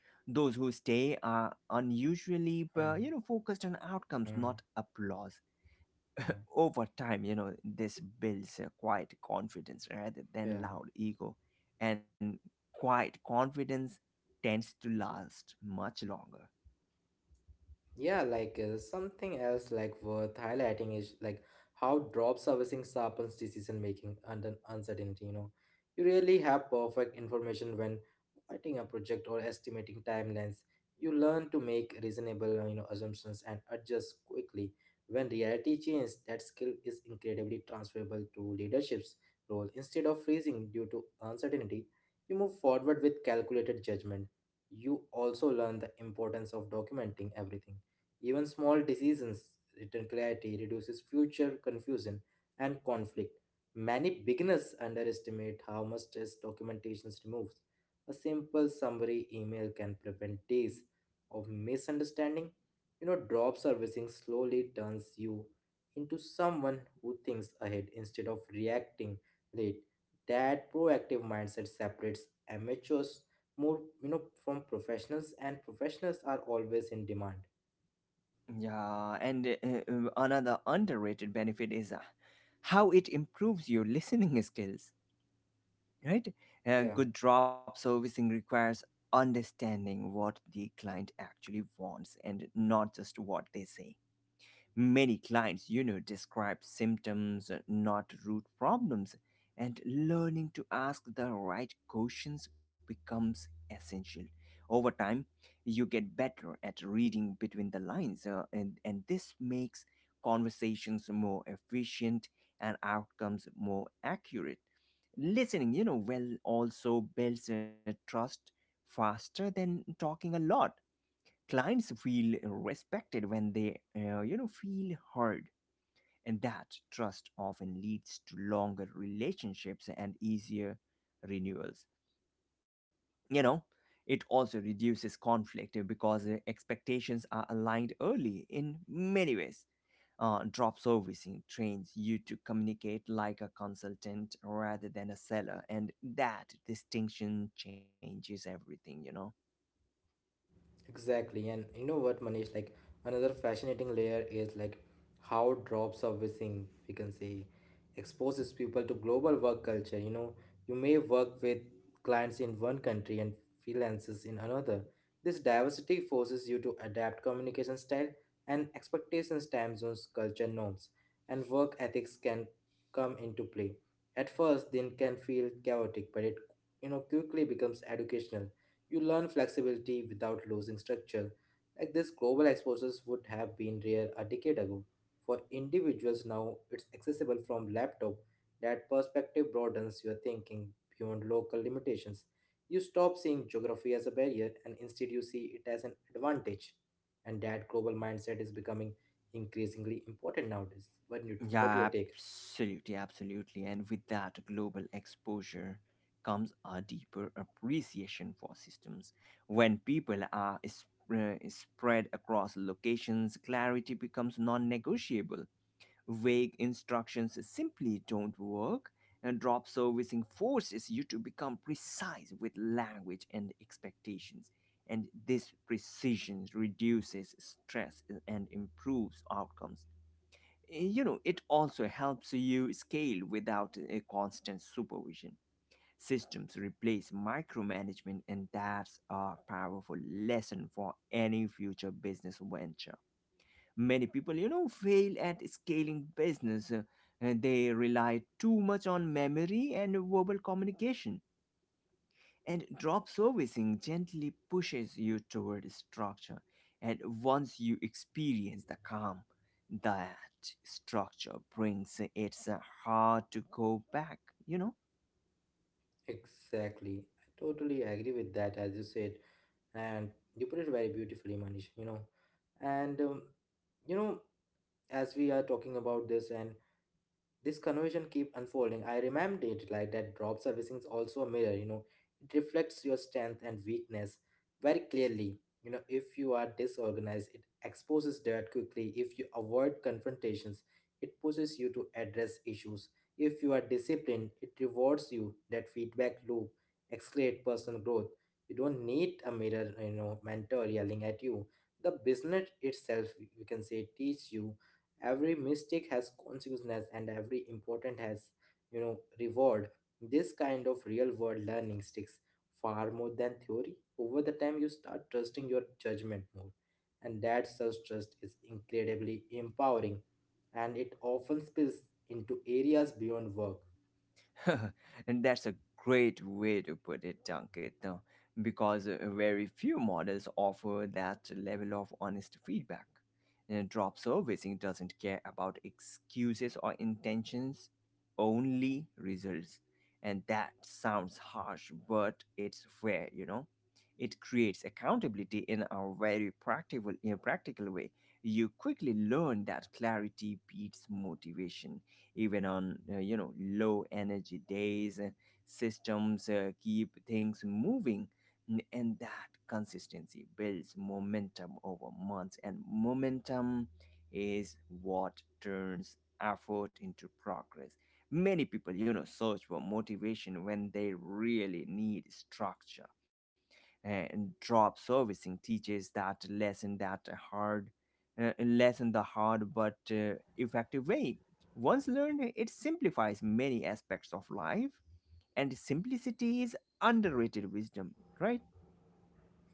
Speaker 2: Those who stay are unusually,
Speaker 1: Hmm.
Speaker 2: you know, focused on outcomes,
Speaker 1: Hmm.
Speaker 2: not applause. Over time, you know, this builds a quiet confidence rather
Speaker 1: Yeah.
Speaker 2: than loud ego, and quiet confidence tends to last much longer.
Speaker 1: Yeah, like something else like worth highlighting is like how drop servicing sharpens decision making under uncertainty, you know. You really have perfect information when writing a project or estimating timelines. You learn to make reasonable, assumptions and adjust quickly. When reality changes, that skill is incredibly transferable to leadership's role. Instead of freezing due to uncertainty, you move forward with calculated judgment. You also learn the importance of documenting everything, even small decisions. Written clarity reduces future confusion and conflict. Many beginners underestimate how much stress documentation removes. A simple summary email can prevent days of misunderstanding. You know, drop servicing slowly turns you into someone who thinks ahead instead of reacting late. That proactive mindset separates amateurs more, from professionals, and professionals are always in demand.
Speaker 2: Yeah, and another underrated benefit is how it improves your listening skills, right? A
Speaker 1: Yeah.
Speaker 2: good drop servicing requires understanding what the client actually wants and not just what they say. Many clients, you know, describe symptoms, not root problems, and learning to ask the right questions becomes essential. Over time, you get better at reading between the lines, and this makes conversations more efficient and outcomes more accurate. Listening you know well also builds trust faster than talking a lot. Clients feel respected when they you know feel heard, and that trust often leads to longer relationships and easier renewals, you know. It also reduces conflict because expectations are aligned early. In many ways, drop servicing trains you to communicate like a consultant rather than a seller, and that distinction changes everything, you know?
Speaker 1: Exactly, and you know what, Manish? Like another fascinating layer is like how drop servicing, we can say, exposes people to global work culture. You know, you may work with clients in one country and freelancers in another. This diversity forces you to adapt communication style and expectations, time zones, culture norms, and work ethics can come into play. At first, then can feel chaotic, but it quickly becomes educational. You learn flexibility without losing structure. Like this global exposures would have been rare a decade ago. For individuals now, it's accessible from laptop. That perspective broadens your thinking beyond local limitations. You stop seeing geography as a barrier and instead you see it as an advantage. And that global mindset is becoming increasingly important nowadays. What your
Speaker 2: Yeah,
Speaker 1: take?
Speaker 2: absolutely, absolutely. And with that global exposure comes a deeper appreciation for systems. When people are spread across locations, clarity becomes non negotiable. Vague instructions simply don't work, and drop servicing forces you to become precise with language and expectations. And this precision reduces stress and improves outcomes. You know, it also helps you scale without a constant supervision. Systems replace micromanagement, and that's a powerful lesson for any future business venture. Many people, you know, fail at scaling business. And they rely too much on memory and verbal communication. And drop servicing gently pushes you toward structure. And once you experience the calm that structure brings, it's hard to go back, you know?
Speaker 1: Exactly. I totally agree with that as you said. And you put it very beautifully, Manish. And you know as we are talking about this and this conversation keep unfolding, I remember it like that drop servicing is also a mirror, you know. It reflects your strength and weakness very clearly. You know, if you are disorganized, it exposes dirt quickly. If you avoid confrontations, it pushes you to address issues. If you are disciplined, it rewards you. That feedback loop accelerate personal growth. You don't need a mirror, mentor yelling at you. The business itself, we can say, teach you. Every mistake has consequences, and every important has, reward. This kind of real world learning sticks far more than theory. Over the time, you start trusting your judgment more, and that self trust is incredibly empowering, and it often spills into areas beyond work.
Speaker 2: And that's a great way to put it, Ankit, because very few models offer that level of honest feedback. Drop servicing doesn't care about excuses or intentions, only results. And that sounds harsh, but it's fair, you know. It creates accountability in a practical way. You quickly learn that clarity beats motivation even on you know low energy days. Uh, systems keep things moving. And that consistency builds momentum over months, and momentum is what turns effort into progress. Many people, you know, search for motivation when they really need structure, and drop servicing teaches that hard lesson the hard but effective way. Once learned, it simplifies many aspects of life, and simplicity is underrated wisdom, right?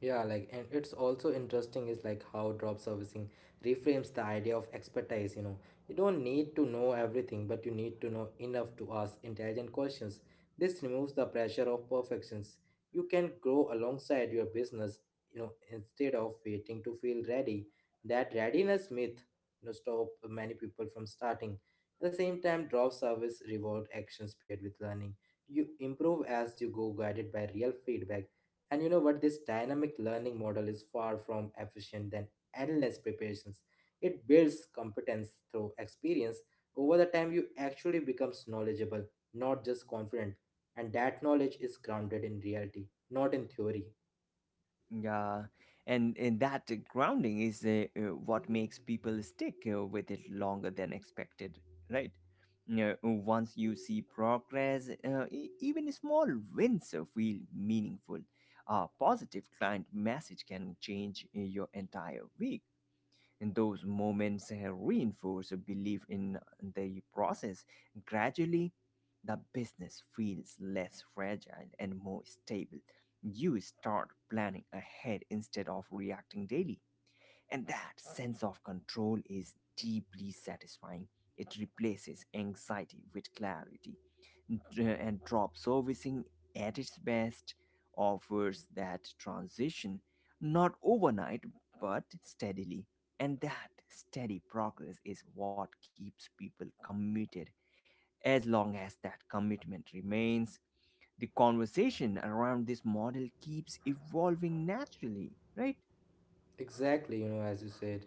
Speaker 1: Yeah, like, and it's also interesting is like how drop servicing reframes the idea of expertise. You know, you don't need to know everything, but you need to know enough to ask intelligent questions. This removes the pressure of perfections. You can grow alongside your business, you know, instead of waiting to feel ready. That readiness myth, you know, stop many people from starting. At the same time, drop service reward actions paired with learning. You improve as you go, guided by real feedback. And you know what? This dynamic learning model is far from efficient than endless preparations. It builds competence through experience. Over the time, you actually becomes knowledgeable, not just confident. And that knowledge is grounded in reality, not in theory.
Speaker 2: Yeah, and that grounding is what makes people stick with it longer than expected, right? Yeah, once you see progress, even small wins feel meaningful. A positive client message can change your entire week. And those moments reinforce a belief in the process. Gradually, the business feels less fragile and more stable. You start planning ahead instead of reacting daily. And that sense of control is deeply satisfying. It replaces anxiety with clarity. And drop servicing at its best offers that transition, not overnight, but steadily. And that steady progress is what keeps people committed. As long as that commitment remains, the conversation around this model keeps evolving naturally, right?
Speaker 1: Exactly, you know, as you said.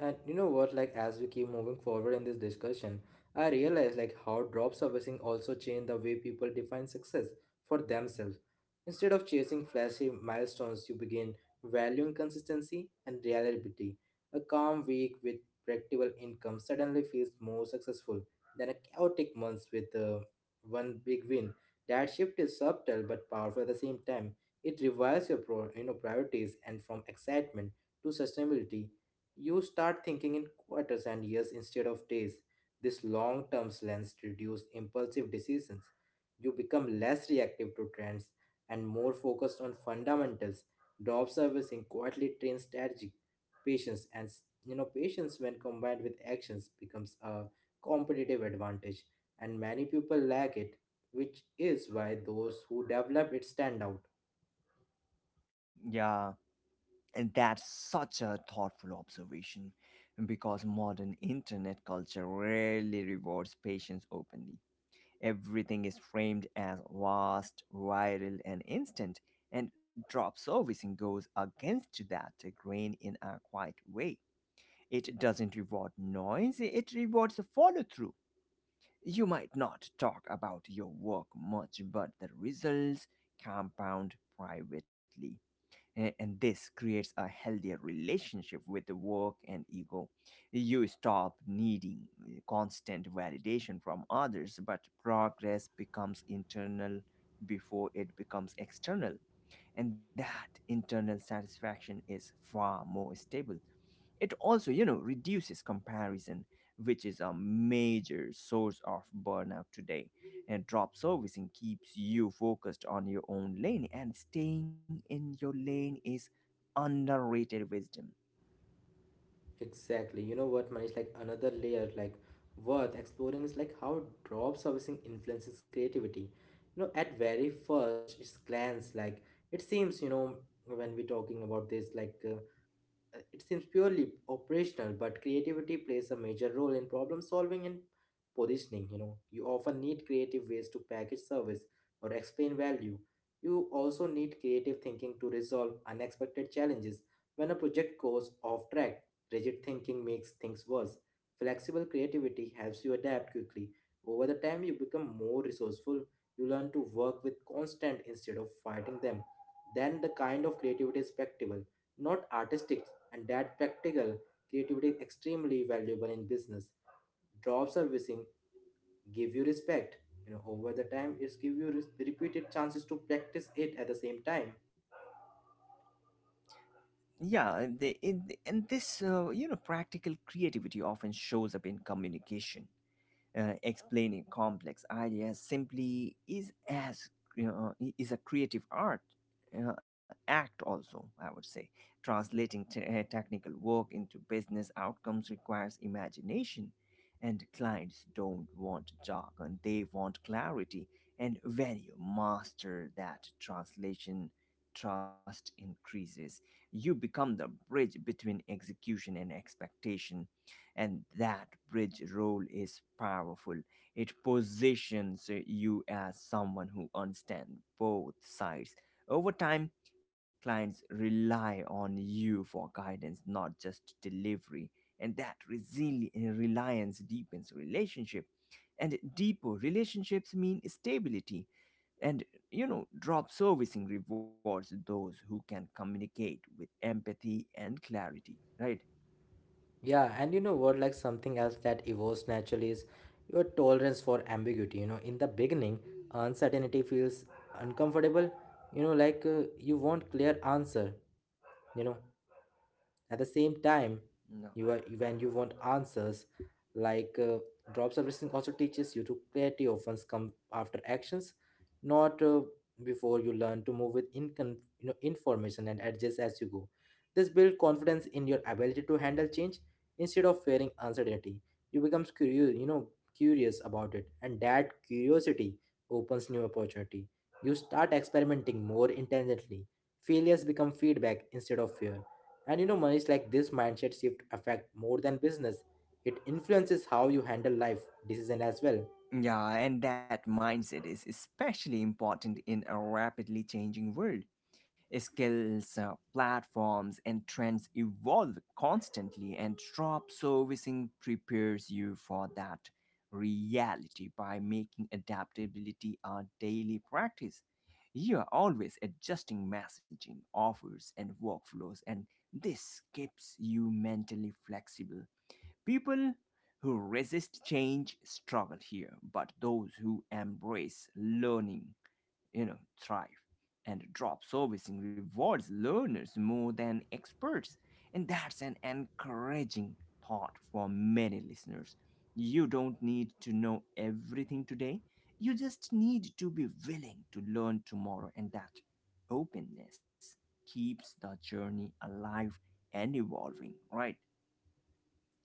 Speaker 1: And you know what, like as we keep moving forward in this discussion, I realize like how drop servicing also changed the way people define success for themselves. Instead of chasing flashy milestones, you begin valuing consistency and reliability. A calm week with predictable income suddenly feels more successful than a chaotic month with one big win. That shift is subtle but powerful at the same time. It revives your priorities and from excitement to sustainability. You start thinking in quarters and years instead of days. This long term lens reduces impulsive decisions. You become less reactive to trends and more focused on fundamentals. Drop servicing quietly trains strategic patience, and patience when combined with actions becomes a competitive advantage, and many people lack it, which is why those who develop it stand out.
Speaker 2: Yeah. And that's such a thoughtful observation because modern internet culture rarely rewards patience openly. Everything is framed as vast, viral, and instant, and drop servicing goes against that grain in a quiet way. It doesn't reward noise, it rewards follow through. You might not talk about your work much, but the results compound privately and this creates a healthier relationship with the work and ego. You stop needing constant validation from others, but progress becomes internal before it becomes external. And that internal satisfaction is far more stable. It also, you know, reduces comparison, which is a major source of burnout today. And drop servicing keeps you focused on your own lane, and staying in your lane is underrated wisdom.
Speaker 1: Exactly. You know what, Manish? Like another layer, like worth exploring is like how job servicing influences creativity. You know, at very first its glance, like it seems, you know, when we're talking about this, it seems purely operational, but creativity plays a major role in problem solving and positioning. You know, you often need creative ways to package service or explain value. You also need creative thinking to resolve unexpected challenges. When a project goes off track, rigid thinking makes things worse. Flexible creativity helps you adapt quickly. Over the time, you become more resourceful. You learn to work with constant instead of fighting them. Then the kind of creativity is practical, not artistic, and that practical creativity is extremely valuable in business. Job servicing give you respect. You know, over the time, it's give you repeated chances to practice it at the same time.
Speaker 2: Yeah, and this, you know, practical creativity often shows up in communication, explaining complex ideas simply is, as you know, is a creative art uh, act also, I would say, translating technical work into business outcomes requires imagination, and clients don't want jargon, they want clarity. And when you master that translation, trust increases. You become the bridge between execution and expectation, and that bridge role is powerful. It positions you as someone who understands both sides. Over time, clients rely on you for guidance, not just delivery. And that reliance deepens relationship, and deeper relationships mean stability. And you know, drop servicing rewards those who can communicate with empathy and clarity, right?
Speaker 1: Yeah, and you know what, like something else that evolves naturally is your tolerance for ambiguity. You know, in the beginning, uncertainty feels uncomfortable. You know, you want clear answer. You know, at the same time,
Speaker 2: No.
Speaker 1: when you want answers, like uh, job servicing also teaches you to clarity often come after actions, not before. You learn to move with information and adjust as you go. This builds confidence in your ability to handle change instead of fearing uncertainty. You become curious, you know, curious about it, and that curiosity opens new opportunity. You start experimenting more intelligently. Failures become feedback instead of fear. And you know, Manish, like this mindset shift affect more than business. It influences how you handle life decision as well.
Speaker 2: Yeah, and that mindset is especially important in a rapidly changing world. Skills, platforms, and trends evolve constantly, and job servicing prepares you for that reality by making adaptability a daily practice. You are always adjusting messaging, offers, and workflows, and this keeps you mentally flexible. People who resist change struggle here, but those who embrace learning, you know, thrive. And drop servicing rewards learners more than experts. And that's an encouraging thought for many listeners. You don't need to know everything today. You just need to be willing to learn tomorrow, and that openness keeps the journey alive and evolving, right?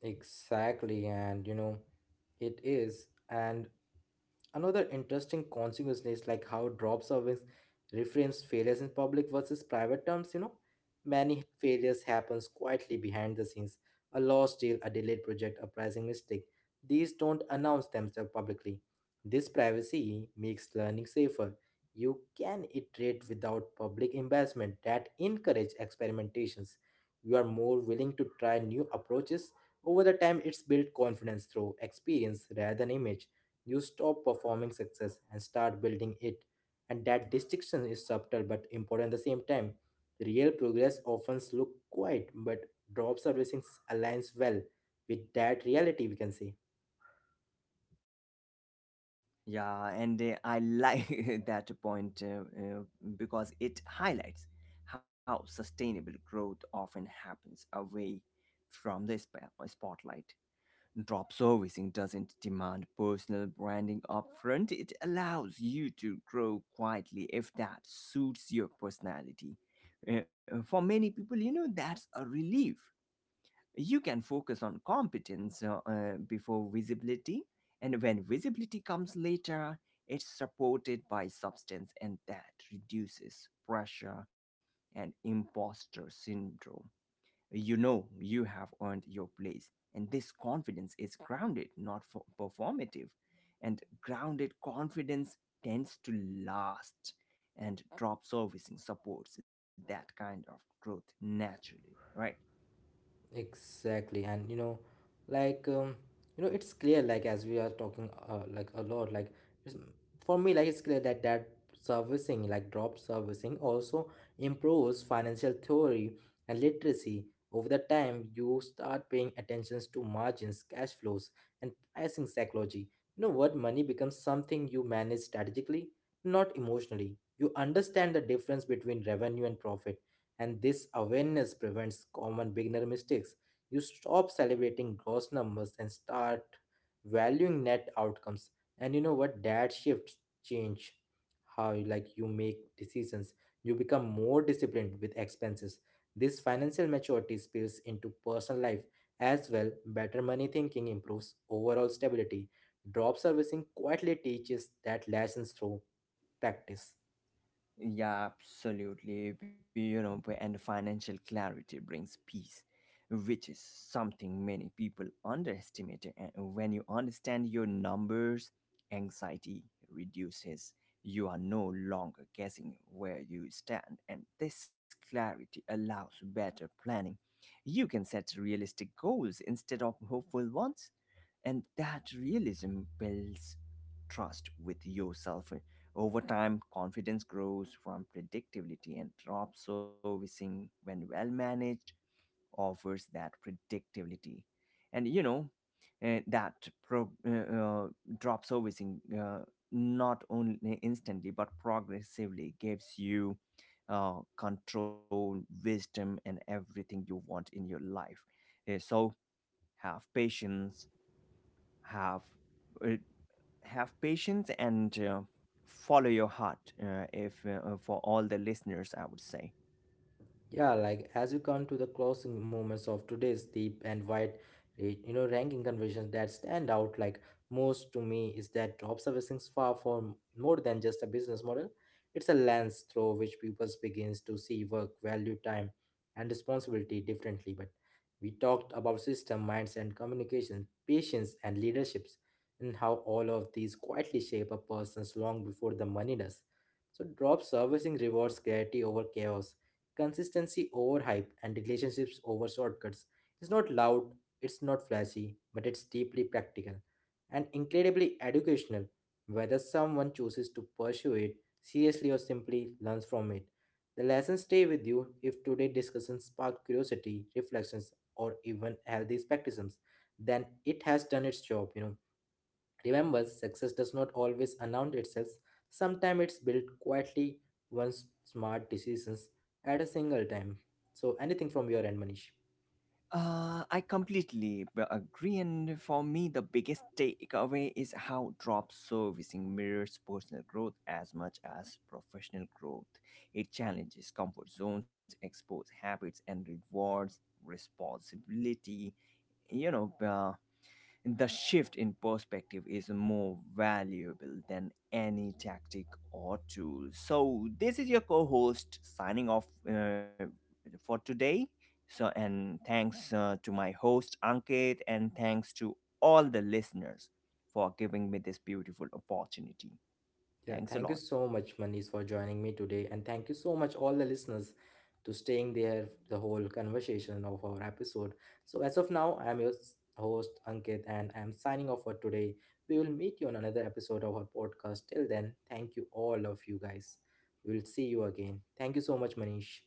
Speaker 1: Exactly, and you know, it is. And another interesting consequence is like how drop service reframes failures in public versus private terms, you know. Many failures happens quietly behind the scenes. A lost deal, a delayed project, a pricing mistake. These don't announce themselves publicly. This privacy makes learning safer. You can iterate without public embarrassment. That encourage experimentations. You are more willing to try new approaches. Over the time, it's built confidence through experience rather than image. You stop performing success and start building it. And that distinction is subtle but important at the same time. Real progress often looks quiet, but drop servicing aligns well with that reality, we can say.
Speaker 2: Yeah, and I like that point because it highlights how sustainable growth often happens away from the spotlight. Drop servicing doesn't demand personal branding upfront, it allows you to grow quietly if that suits your personality. For many people, you know, that's a relief. You can focus on competence before visibility, and when visibility comes later, it's supported by substance, and that reduces pressure and imposter syndrome. You know you have earned your place, and this confidence is grounded, not for performative. And grounded confidence tends to last, and drop servicing supports that kind of growth naturally, right?
Speaker 1: Exactly, and you know, like um, you know, it's clear like as we are talking like a lot, it's, for me, like it's clear that servicing, like drop servicing, also improves financial theory and literacy. Over the time, you start paying attentions to margins, cash flows, and pricing psychology. You know what? Money becomes something you manage strategically, not emotionally. You understand the difference between revenue and profit, and this awareness prevents common beginner mistakes. You stop celebrating gross numbers and start valuing net outcomes. And you know what? That shifts change like you make decisions. You become more disciplined with expenses. This financial maturity spills into personal life as well. Better money thinking improves overall stability. Drop servicing quietly teaches that lessons through practice.
Speaker 2: Yeah, absolutely. You know, and financial clarity brings peace, which is something many people underestimate. And when you understand your numbers, anxiety reduces. You are no longer guessing where you stand, and this clarity allows better planning. You can set realistic goals instead of hopeful ones, and that realism builds trust with yourself. Over time, confidence grows from predictability, and drop servicing, when well managed, offers that predictability. And you know, eh, that pro, uh, uh, drop servicing, not only instantly but progressively, gives you control, wisdom, and everything you want in your life. So, have patience have uh, have patience, and follow your heart, if for all the listeners, I would say.
Speaker 1: Yeah, like as you come to the closing moments of today's deep and wide, you know, ranking conversations that stand out like most to me is that observation is far from more than just a business model. It's a lens through which people begins to see work, value, time, and responsibility differently. But we talked about system, minds, and communication, patience, and leaderships, and how all of these quietly shape a person's long before the money does. So, drop servicing rewards clarity over chaos, consistency over hype, and relationships over shortcuts. It's not loud, it's not flashy, but it's deeply practical and incredibly educational. Whether someone chooses to pursue it seriously or simply learns from it, the lessons stay with you. If today's discussion sparked curiosity, reflections, or even healthy skepticism, then it has done its job, you know. Remember, success does not always announce itself. Sometimes it's built quietly, once smart decisions at a single time. So, anything from your end, Manish?
Speaker 2: I completely agree, and for me, the biggest takeaway is how drop servicing mirrors personal growth as much as professional growth. It challenges comfort zones, exposes habits, and rewards responsibility. You know, the shift in perspective is more valuable than any tactic or tool. So, this is your co host signing off for today. So, and thanks to my host Ankit, and thanks to all the listeners for giving me this beautiful opportunity.
Speaker 1: Yeah,
Speaker 2: Thanks a
Speaker 1: thank you
Speaker 2: lot.
Speaker 1: so much, Manish, for joining me today, and thank you so much, all the listeners, to staying there the whole conversation of our episode. So, as of now, I'm your host Ankit, and I'm signing off for today. We will meet you on another episode of our podcast. Till then, thank you all of you guys. We'll see you again. Thank you so much, Manish.